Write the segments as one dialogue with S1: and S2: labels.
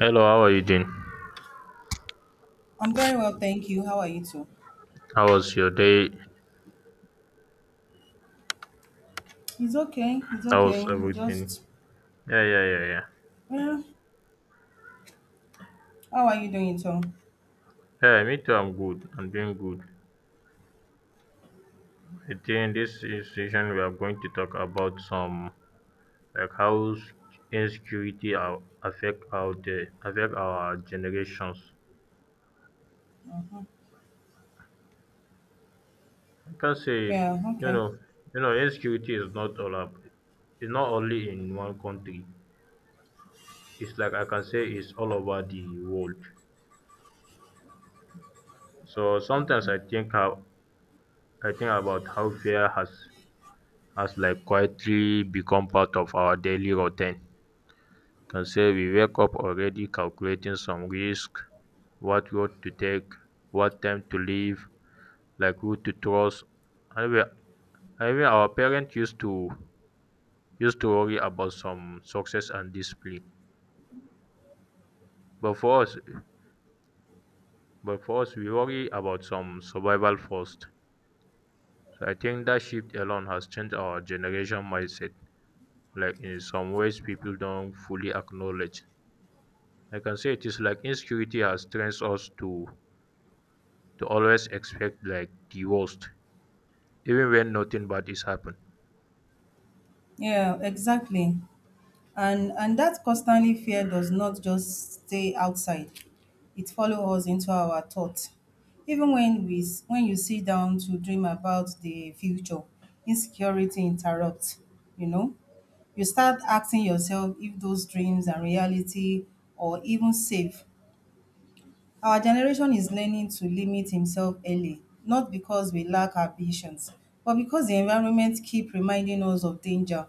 S1: Hello, how are you doing?
S2: I'm very well, thank you. How are you too?
S1: How was your day?
S2: It's okay. It's
S1: How
S2: okay.
S1: was
S2: I'm
S1: everything?
S2: just
S1: Yeah, yeah, yeah, yeah.
S2: well, how are you doing too?
S1: Yeah, me too. I'm good. I'm doing good. I think this is session we are going to talk about some like how s- insecurity affect our day, affect our generations.
S2: hmm
S1: I can say
S2: Yeah. Okay.
S1: insecurity is not all up. It's not only in one country. It's like I can say it's all over the world. So sometimes I think about how fear has like quietly become part of our daily routine. Can say we wake up already calculating some risk, what road to take, what time to leave, like who to trust. And we, I mean, our parents used to worry about some success and discipline, but for us, but for us, we worry about some survival first. So I think that shift alone has changed our generation mindset. Like in some ways, people don't fully acknowledge I can say it is like insecurity has trained us to always expect like the worst, even when nothing bad is happened.
S2: Yeah. Exactly. And that constantly fear does not just stay outside. It follows us into our thoughts. Even when when you sit down to dream about the future, insecurity interrupts. You know, you start asking yourself if those dreams are reality or even safe. Our generation is learning to limit himself early, not because we lack ambitions, but because the environment keep reminding us of danger.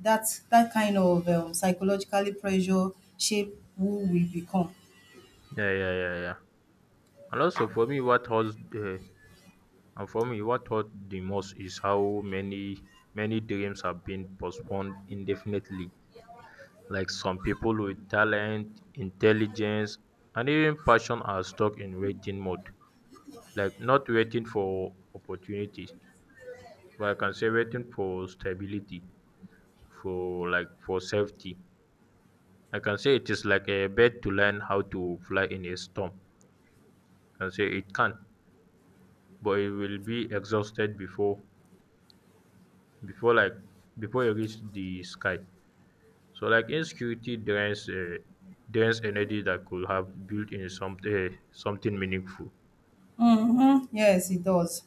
S2: That kind of psychologically pressure shape who we become.
S1: Yeah, yeah, yeah, yeah. And also for me, what hurts the and for me, what hurt the most is how many dreams have been postponed indefinitely. Like some people with talent, intelligence, and even passion are stuck in waiting mode. Like not waiting for opportunities, but I can say waiting for stability for safety. I can say it is like a bird to learn how to fly in a storm. I can say it can, but it will be exhausted before like before it reach the sky. So like insecurity drains drains energy that could have built in something meaningful.
S2: Mm-hmm. Yes, it does.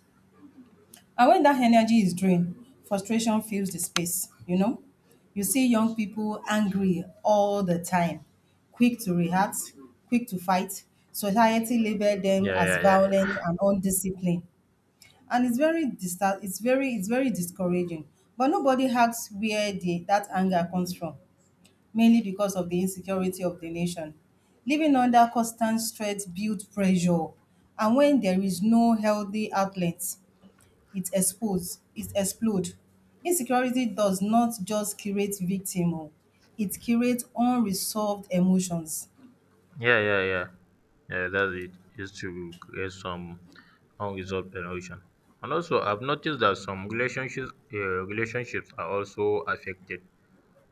S2: And when that energy is drained, frustration fills the space, you know? You see young people angry all the time, quick to react, quick to fight. Society label them
S1: Yeah,
S2: as
S1: yeah, yeah, yeah,
S2: violent and undisciplined. And it's very distar it's very discouraging, but nobody asks where the that anger comes from, mainly because of the insecurity of the nation. Living under constant stress builds pressure, and when there is no healthy outlet, it explode. Insecurity does not just create victim o it creates unresolved emotions.
S1: yeah, yeah, yeah. Yeah, that's it. Is to create some unresolved emotion. And also, I've noticed that some relationships are also affected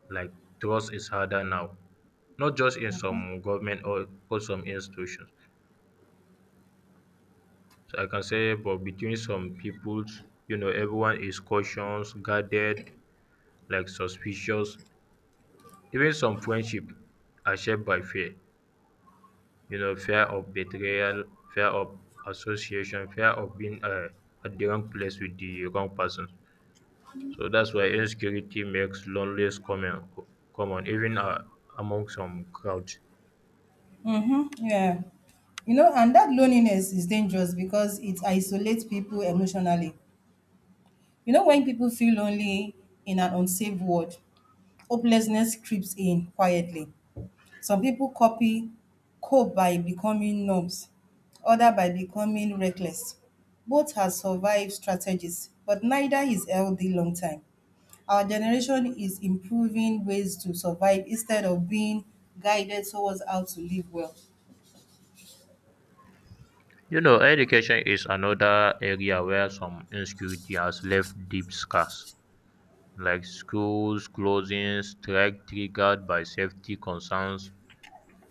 S1: like trust is harder now, not just in some government or some institutions. So I can say, but between some peoples, you know, everyone is cautious, guarded, like suspicious. Even some friendship are shaped by fear. You know, fear of betrayal, fear of association, fear of being at the wrong place with the wrong person. So that's why insecurity makes loneliness common, common even among some crowds.
S2: Mhm, yeah. You know, and that loneliness is dangerous because it isolates people emotionally. You know, when people feel lonely in an unsafe world, hopelessness creeps in quietly. Some people copy cope by becoming numbs, other by becoming reckless. Both have survived strategies, but neither is healthy long time. Our generation is improving ways to survive instead of being guided towards how to live well.
S1: You know, education is another area where some insecurity has left deep scars, like schools closing, strike triggered by safety concerns,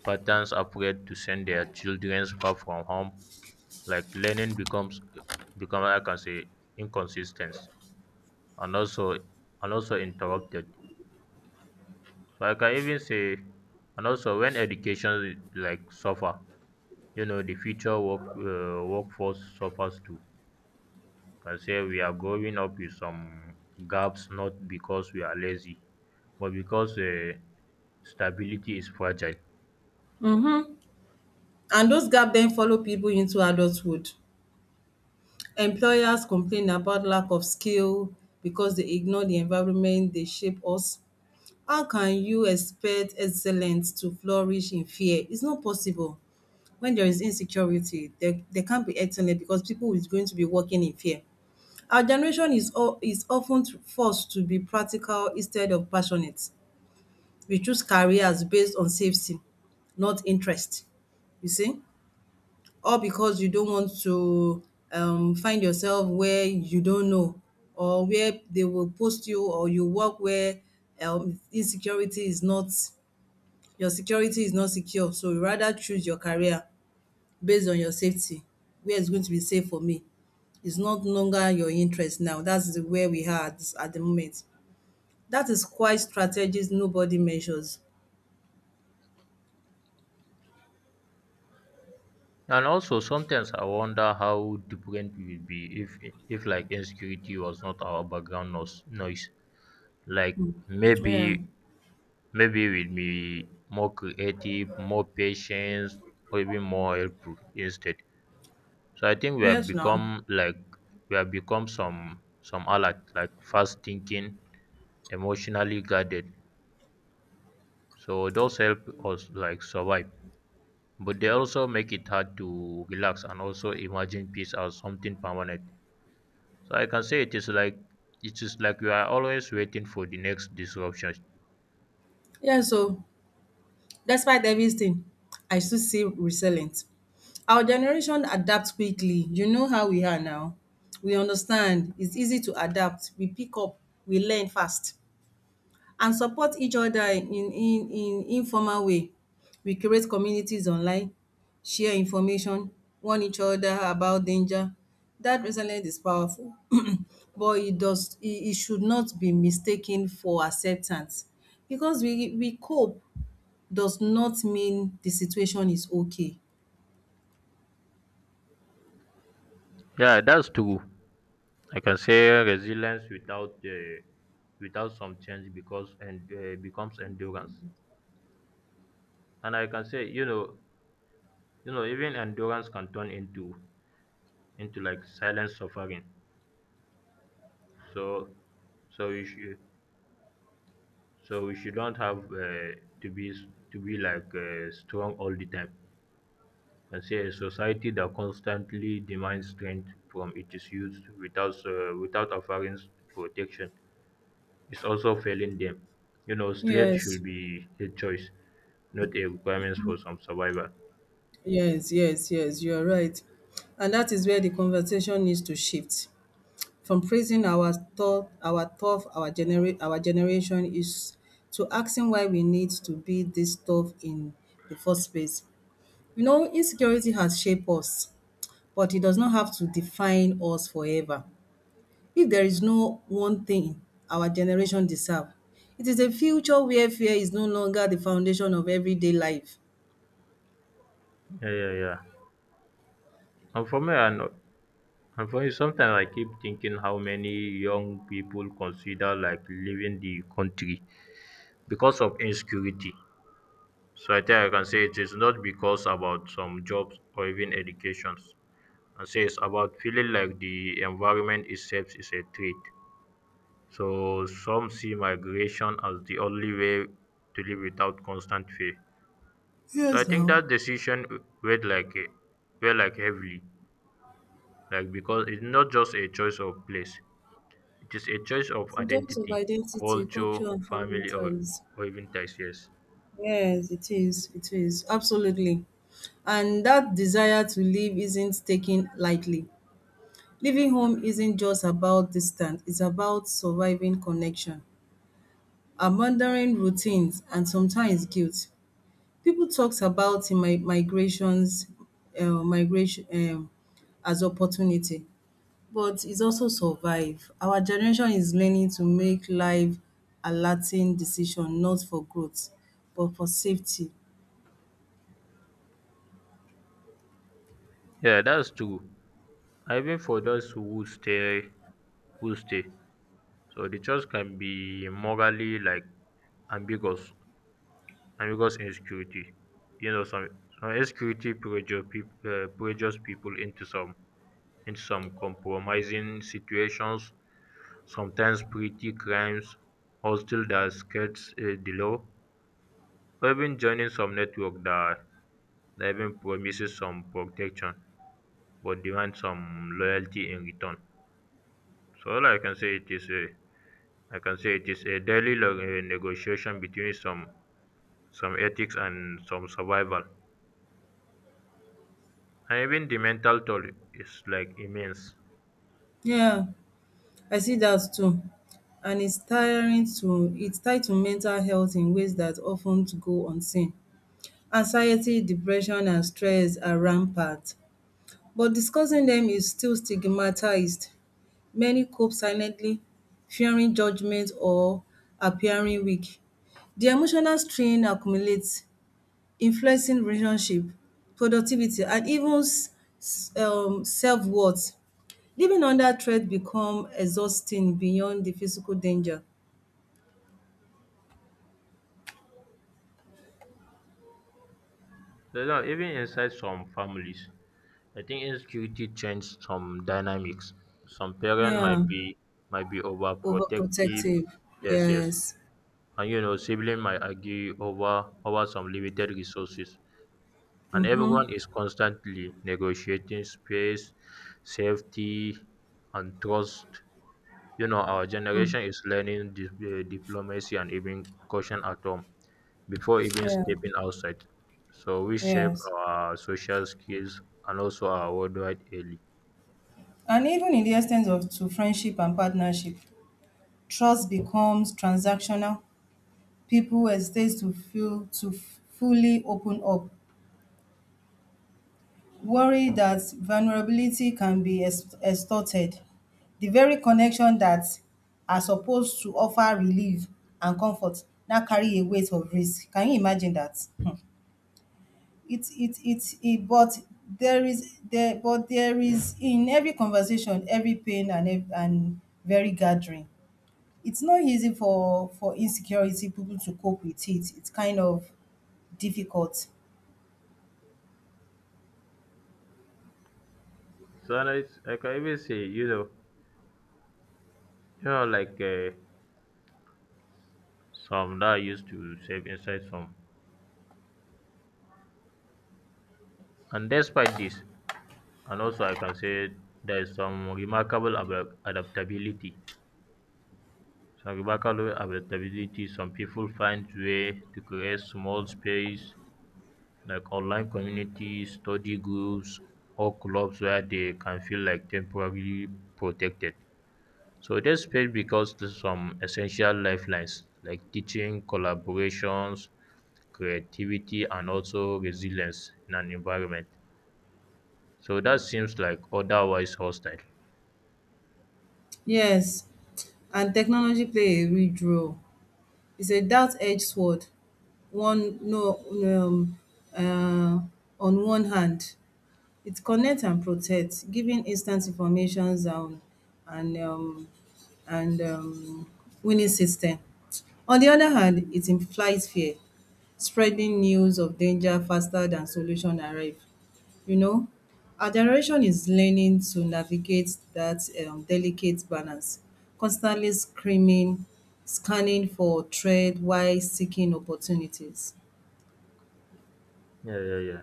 S1: parents afraid to send their children far from home, like learning becomes become I can say inconsistent and also and also interrupted. So I can even say and also when education like suffer, you know, the future workforce suffers too. I say we are growing up with some gaps not because we are lazy but because stability is fragile.
S2: Mm-hmm. And those gaps then follow people into adulthood. Employers complain about lack of skill because they ignore the environment they shape us. How can you expect excellence to flourish in fear? It's not possible. When there is insecurity, there can't be excellence because people is going to be working in fear. Our generation is is often forced to be practical instead of passionate. We choose careers based on safety, not interest. You see? All because you don't want to find yourself where you don't know, or where they will post you, or you work where insecurity is not, your security is not secure, so you rather choose your career based on your safety, where it's going to be safe for me. It's not longer your interest now. That's the where we are at the moment. That is quite strategies nobody measures.
S1: And also sometimes I wonder how different we would be if like insecurity was not our background noise. Like
S2: Yeah.
S1: maybe maybe we'd be more creative, more patient, or even more helpful instead. So I think
S2: Yes, now.
S1: we have become some alert like fast thinking emotionally guarded so those help us like survive but they also make it hard to relax and also imagine peace as something permanent, so I can say it is like you are always waiting for the next disruption.
S2: Yeah, so despite everything, I still see resilient. Our generation adapt quickly. You know how we are now. We understand. It's easy to adapt. We pick up. We learn fast and support each other in informal way. We create communities online, share information, warn each other about danger. That resilience is powerful, but it, it should not be mistaken for acceptance because we cope does not mean the situation is okay.
S1: Yeah, that's true. I can say resilience without some change because and becomes endurance, and I can say you know even endurance can turn into like silent suffering. so so you should So we shouldn't have to be s- to be like strong all the time. And say a society that constantly demands strength from its youth without protection is also failing them. You know, strength
S2: Yes,
S1: should be a choice, not a requirement for some survival.
S2: yes, yes, yes, you are right. And that is where the conversation needs to shift from praising our thought, our tough, our genera our generation is, to asking why we need to be this tough in the first place. You know, insecurity has shaped us, but it does not have to define us forever. If there is no one thing our generation deserve, it is a future where fear is no longer the foundation of everyday life.
S1: Yeah, yeah, yeah. And for me, and and for me, sometimes I keep thinking how many young people consider like leaving the country because of insecurity. So I think I can say it is not because about some jobs or even educations. I say it's about feeling like the environment itself is a threat. So some see migration as the only way to live without constant fear. So I
S2: Yes,
S1: think
S2: now.
S1: that decision weighed like a weighed like heavily, like because it's not just a choice of place. It is a choice of
S2: It's a jolt of
S1: identity,
S2: identity,
S1: culture,
S2: culture, and family
S1: family,
S2: ties.
S1: or even ties. Yes.
S2: Yes, it is. It is. Absolutely. And that desire to live isn't taken lightly. Leaving home isn't just about distance, it's about surviving connection, abandoning routines, and sometimes guilt. People talks about mi migrations, migration as opportunity, but is also survive. Our generation is learning to make life alerting decision not for growth but for safety.
S1: Yeah, that's true. Even for who stay. So the choice can be ambiguous, ambiguous insecurity. You know, some insecurity pressure people pressures people into some compromising situations, sometimes pretty crimes, hostile that skirts the law, or even joining some network that even promises some protection but demands some loyalty in return. So all I can say it is a I can say it is a daily negotiation between some ethics and some survival, and even the mental toll is like immense.
S2: Yeah, I see that too, and it's tied to mental health in ways that of ten go unseen. Anxiety, depression and stress are rampant, but discussing them is still stigmatized. Many cope silently, fearing judgment or appearing weak. The emotional strain accumulates, influencing relationship, productivity and even self-worth. Living under threat become exhausting beyond the physical danger.
S1: You know, even inside some families, I think insecurity changed some dynamics. Some parents
S2: Yeah,
S1: might be overprotective,
S2: overprotective.
S1: yes, yes.
S2: Yes.
S1: And you know sibling might argue over some limited resources, and everyone is constantly negotiating space, safety, and trust. You know, our
S2: Hmm.
S1: generation is learning diplomacy and even caution at home before even
S2: Yeah,
S1: stepping outside. So we shape
S2: yes.
S1: our social skills and also our worldwide early.
S2: And even in the extent of to friendship and partnership, trust becomes transactional. People a stage to feel to fully open up, worry that vulnerability can be extorted. The very connection that are supposed to offer relief and comfort now carry a weight of risk. Can you imagine that? It But there is there but there is in every conversation, every pain and and very gathering. It's not easy for insecurity people to cope with it. It's kind of difficult.
S1: So and I can even say, you know, like uh, some that I used to save inside some. And despite this, and also I can say there is some remarkable ab- adaptability. Some remarkable adaptability. Some people find way to create small space like online communities, study groups, or clubs where they can feel like temporarily protected. So there's space because there's some essential lifelines like teaching, collaborations, creativity, and also resilience in an environment. So that seems like otherwise hostile.
S2: Yes, and technology play a huge role. It's a double-edged sword. One no uh on one hand, it connects and protects, giving instant informations and and um and um winning system. On the other hand, it implies fear, spreading news of danger faster than solution arrive. You know, our generation is learning to navigate that delicate balance, constantly scanning for threat while seeking opportunities.
S1: Yeah, yeah, yeah.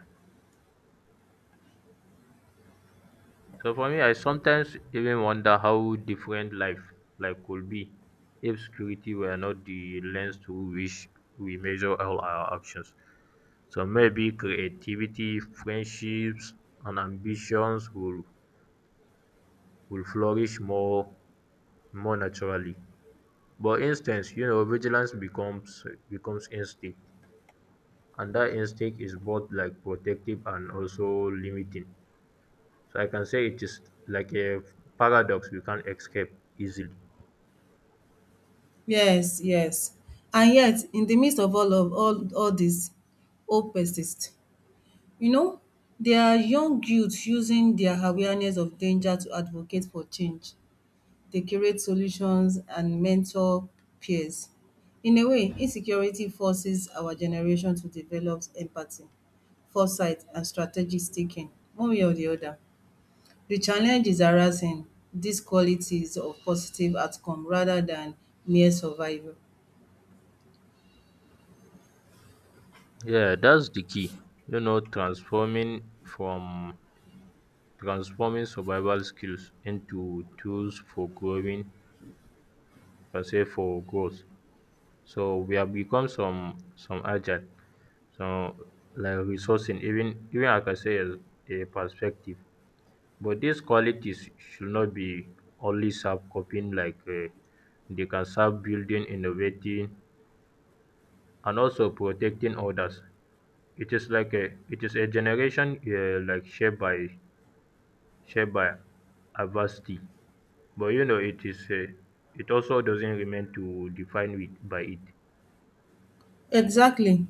S1: So for me, I sometimes even wonder how different life like could be if security were not the lens through which we measure all our actions. So maybe creativity, friendships, and ambitions will flourish more naturally. But instance, you know, vigilance becomes instinct, and that instinct is both like protective and also limiting. So I can say it is like a paradox we can't escape easily.
S2: Yes, yes. And yet, in the midst of all this, hope persists. You know, there are young youth using their awareness of danger to advocate for change. They create solutions and mentor peers. In a way, insecurity forces our generation to develop empathy, foresight, and strategic thinking, one way or the other. The challenge is harassing these qualities of positive outcome rather than mere survival.
S1: Yeah, that's the key. You know, transforming survival skills into tools for growing, per se for growth. So we have become some agile, so like resourcing, even I can say as a perspective. But these qualities should not be only serve coping like they can serve building, innovating, and also protecting others. It is a generation shaped by adversity, but you know it also doesn't remain to define it by it.
S2: Exactly.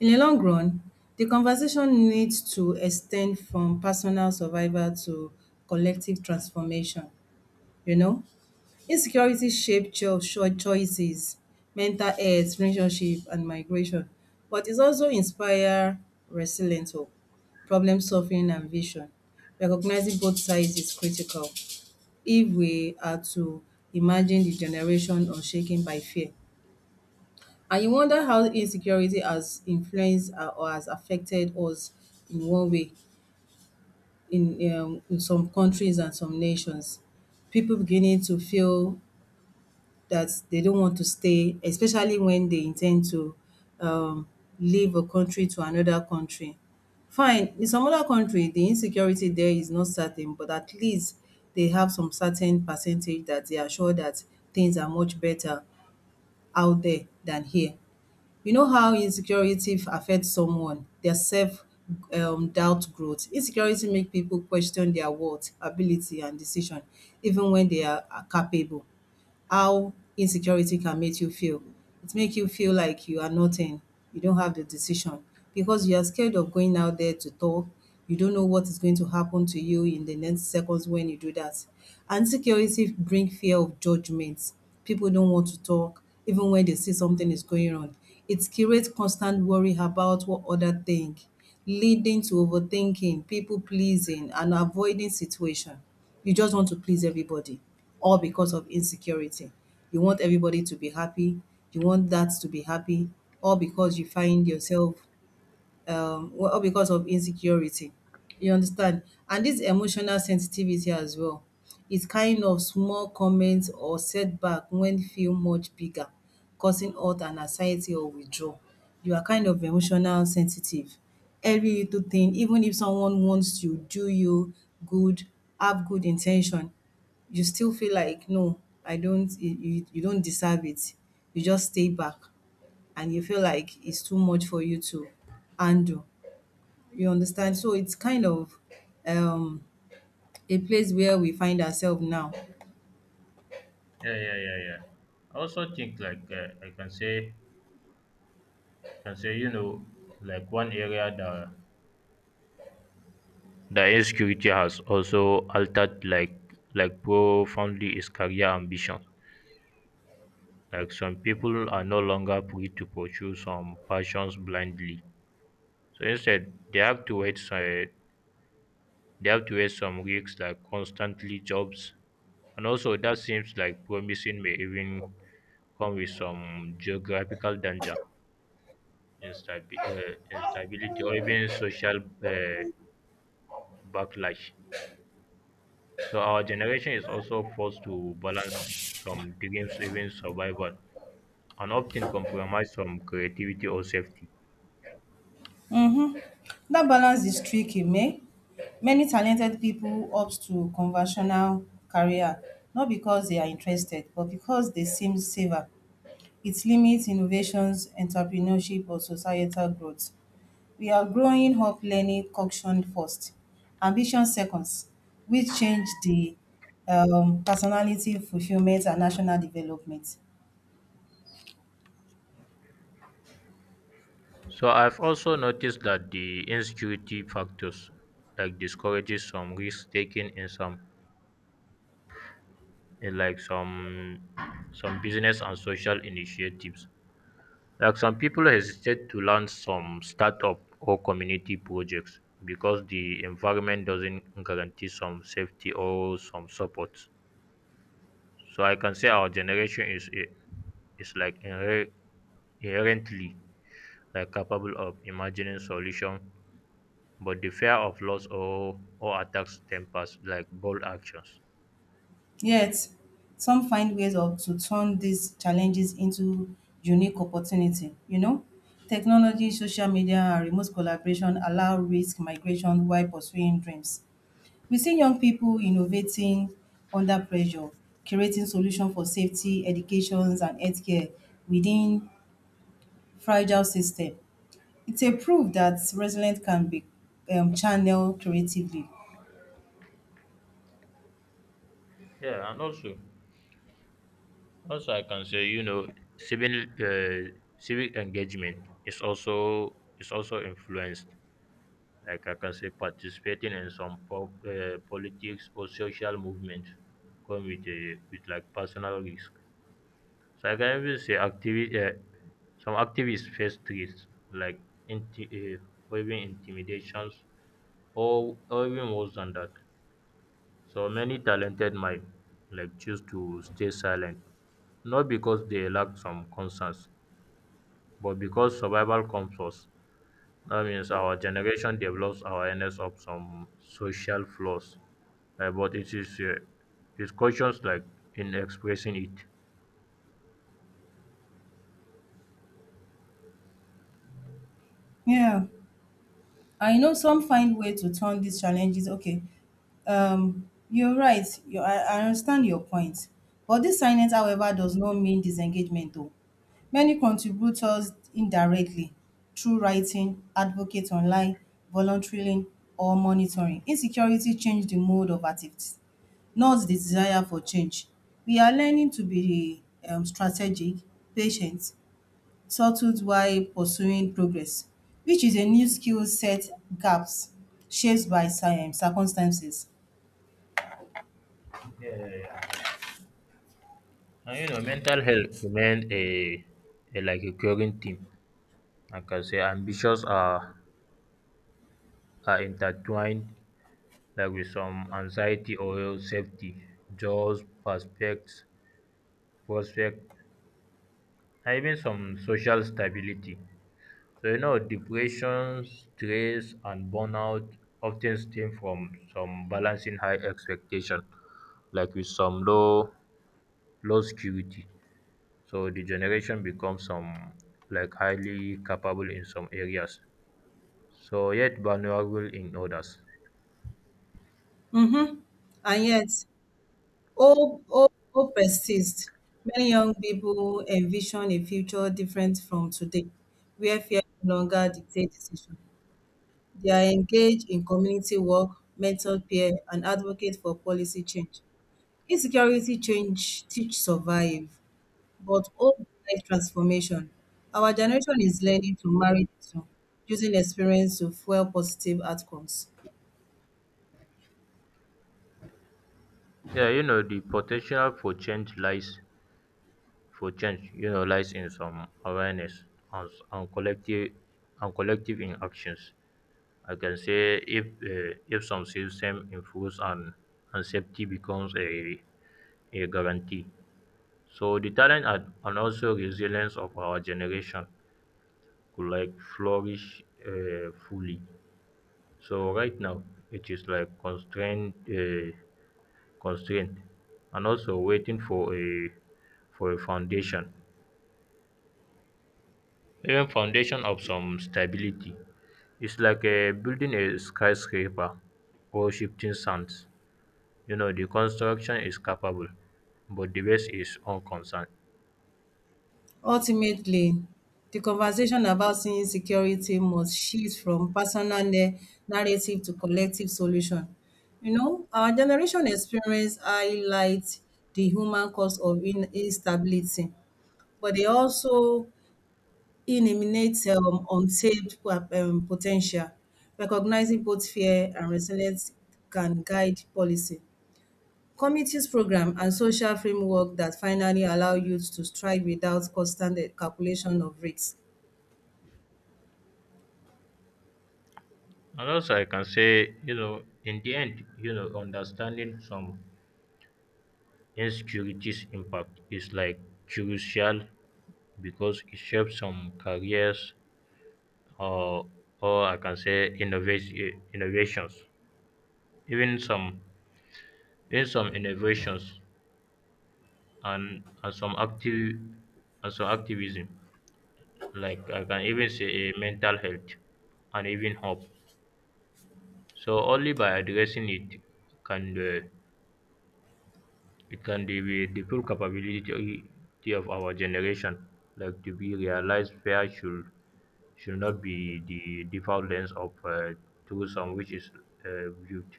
S2: In the long run, the conversation needs to extend from personal survival to collective transformation. You know, insecurity shapes choices, mental health, relationship, and migration. But it also inspires resilient hope, problem solving, and vision. Recognizing both sides is critical if we are to imagine the generation unshaken by fear. And you wonder how insecurity has influenced or has affected us in one way, in some countries and some nations. People beginning to feel that they don't want to stay, especially when they intend to um, leave a country to another country. Fine, in some other country, the insecurity there is not certain, but at least they have some certain percentage that they are sure that things are much better out there than here. You know how insecurity affects someone, their self doubt growth. Insecurity make people question their worth, ability, and decision, even when they are capable, how insecurity can make you feel. It make you feel like you are nothing, you don't have the decision because you are scared of going out there to talk. You don't know what is going to happen to you in the next seconds when you do that. And insecurity bring fear of judgment. People don't want to talk even when they see something is going on. It creates constant worry about what other think, leading to overthinking, people pleasing and avoiding situation. You just want to please everybody, all because of insecurity. You want everybody to be happy. You want that to be happy, all because you find yourself all because of insecurity. You understand? And dis emotional sensitivity as well is kind of small comment or setback wen feel much bigger, causing hurt and anxiety or withdrawal. You are kind of emotional sensitive. Every little thing, even if someone wants to do you good, have good in ten tion, you still feel like, “No, I don't you don't deserve it.” You just stay back, and you feel like it's too much for you to handle. You understand? So it's kind of um, a place where we find ourselves now.
S1: Yeah, yeah, yeah, yeah. I also think I can say you know like one area that the insecurity has also altered like profoundly is career ambition. Like some people are no longer free to pursue some passions blindly. So instead, they have to wait they have to wear some risks like constantly jobs. And also that seems like promising may even come with some geographical danger, instability, or even social backlash. So our generation is also forced to balance some dreams, even survival, and often compromise some creativity or safety.
S2: That balance is tricky, meh? Many talented people opt to conventional career, not because they are interested, but because they seem safer. It limits innovations, entrepreneurship, or societal growth. We are growing up learning function first, ambition seconds, which change the personality, fulfillment, and national development.
S1: So I've also noticed that the insecurity factors like discourages some risk taking in some business and social initiatives. Like some people hesitate to launch some startup or community projects because the environment doesn't guarantee some safety or some support. So I can say our generation is I- is like inher- inherently like capable of imagining solution, but the fear of loss or attacks tempers like bold actions.
S2: Yet, some find ways of to turn these challenges into unique opportunity. You know, technology, social media, and remote collaboration allow risk migration while pursuing dreams. We see young people innovating under pressure, creating solutions for safety, educations, and healthcare within fragile system. It's a proof that resilience can be channeled creatively.
S1: Yeah, and also Also, I can say you know civil civic engagement is also influenced. Like I can say, participating in some politics or social movement come with a with like personal risk. So I can even say some activists face threats like inti- uh, or even intimidations, or even worse than that. So many talented might like choose to stay silent not because they lack some concerns but because survival comes first. That means our generation develops awareness of some social flaws, but it's cautious like in expressing it.
S2: Yeah, I know some find way to turn these challenges. Okay, you're right. I understand your point. But this silence, however, does not mean disengagement, though. Many contributors indirectly through writing, advocates online, volunteering, or monitoring. Insecurity changed the mode of activities, not the desire for change. We are learning to be strategic, patient, settled while pursuing progress, which is a new skill set gaps shaped by circumstances.
S1: Yeah, yeah, yeah, yeah. And you know, mental health remains a like a current theme. Like I say, ambitions are intertwined like with some anxiety or safety, jobs, prospect, and even some social stability. So you know, depression, stress, and burnout often stem from some balancing high expectation, like with some low low security. So the generation becomes some like highly capable in some areas, so yet vulnerable in others.
S2: Mm-hmm. And yet, hope persists. Many young people envision a future different from today, where fear no longer dictates decision. They are engaged in community work, mentor peer, and advocate for policy change. Insecurity change teach survive, but hope life transformation. Our generation is learning to marry the two, using experience to fuel positive outcomes.
S1: Yeah, you know, the potential for change lies for change you know lies in some awareness, and, and collective and collective in actions. I can say if some system improves and safety becomes a guarantee, so the talent and also resilience of our generation could like flourish fully. So right now it is like constrained constraint and also waiting for a foundation, even foundation of some stability. It's like building a skyscraper or shifting sands. You know, the construction is capable, but the base is unconcerned.
S2: Ultimately, the conversation about insecurity must shift from personal narrative to collective solution. You know, our generation experience highlights the human cause of instability, but they also eliminates untapped potential. Recognizing both fear and resilience can guide policy. Communities program and social framework that finally allow youth to strive without constant calculation of risks.
S1: And also, I can say, you know, in the end, you know, understanding some insecurities impact is like crucial because it shapes some careers or or I can say innovation innovations, even some in some innovations, and and some active and some activism, like I can even say a mental health and even hope. So only by addressing it can the it can be the full capability of our generation like to be realized. Fair should not be the default lens of tourism which is viewed.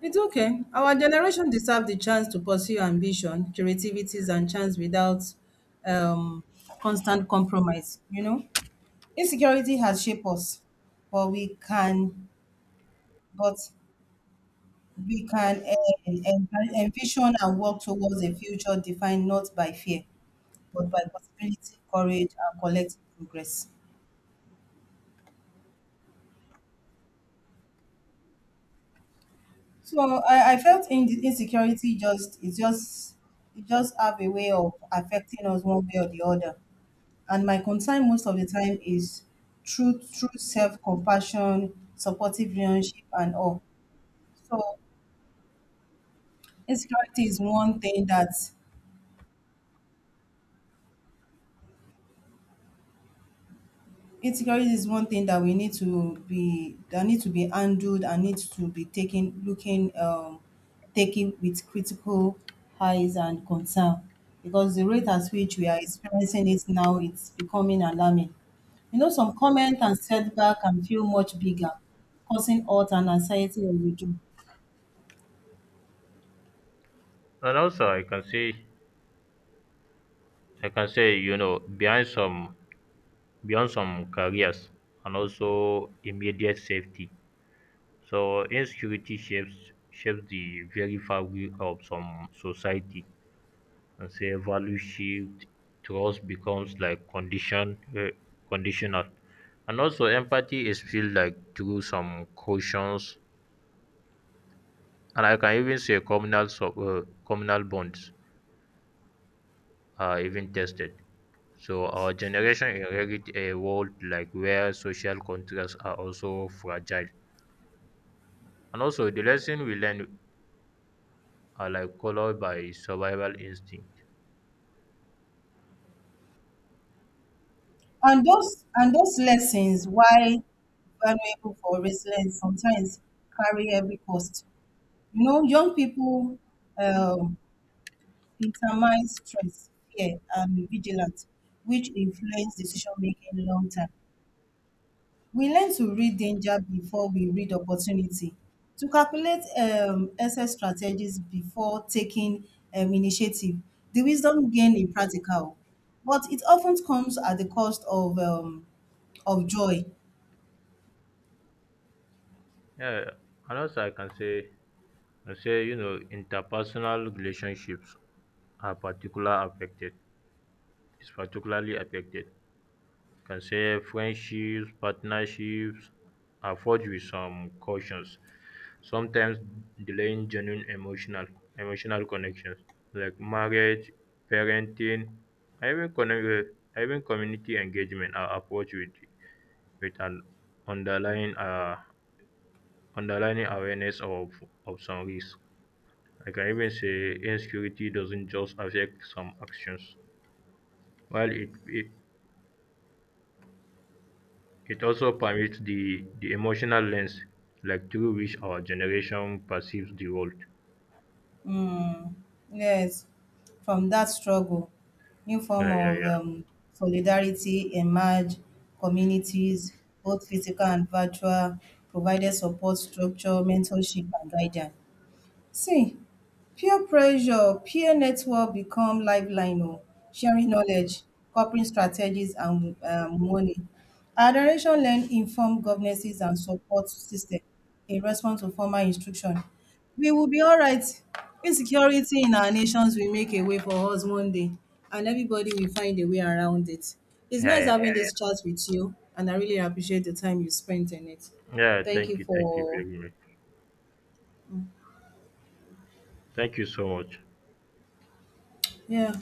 S2: It's okay. Our generation deserve the chance to pursue ambition, creativities, and chance without um, constant compromise. You know, insecurity has shaped us, but we can, but we can en- en- envision and work towards a future defined not by fear, but by possibility, courage, and collective progress. So I felt in insecurity just it just have a way of affecting us one way or the other. And my concern most of the time is true self compassion, supportive relationship and all. So insecurity is one thing that insecurity is one thing that we need to be that need to be handled and needs to be taken looking taken with critical eyes and concern, because the rate at which we are experiencing it now it's becoming alarming. You know, some comment and setback can feel much bigger, causing hurt and anxiety when we do.
S1: And also, I can say, you know, behind some beyond some careers and also immediate safety, so insecurity shapes the very fabric of some society and say value shift, trust becomes like conditional. And also empathy is feel like through some cautions, and I can even say communal bonds are even tested. So our generation inherit a world like where social contracts are also fragile. And also the lesson we learn are like colored by survival instinct.
S2: And those lessons, why valuable for resilience, sometimes carry every cost. You know, young people um, determines stress, fear, and vigilance, which influence decision-making long term. We learn to read danger before we read opportunity, to calculate excess strategies before taking initiative. The wisdom gained in practical, but it often comes at the cost of joy.
S1: Yeah, another I can say, I say you know, interpersonal relationships are particular affected. It's particularly affected. Can say friendships, partnerships are forged with some cautions, sometimes delaying genuine emotional connections like marriage, parenting, even con- even community engagement are approached with an underlying uh underlying awareness of some risks. Like, I can even say insecurity doesn't just affect some actions, while it also permits the emotional lens like through which our generation perceives the world.
S2: Mm, yes, from that struggle, new
S1: Yeah,
S2: form
S1: yeah,
S2: of
S1: yeah.
S2: solidarity emerged. Communities, both physical and virtual, provided support structure, mentorship, and guidance. See, peer pressure, peer network become lifeline oh, sharing knowledge, coping strategies and money. Our generation learn informed governances and support system in response to formal instruction. We will be all right. Insecurity in our nations will make a way for us one day, and everybody will find a way around it. It's
S1: Yeah,
S2: nice
S1: yeah,
S2: having
S1: yeah.
S2: this chat with you, and I really appreciate the time you spent in it.
S1: Yeah,
S2: Thank you
S1: thank you
S2: for,
S1: very much. Thank you so much.
S2: yeah.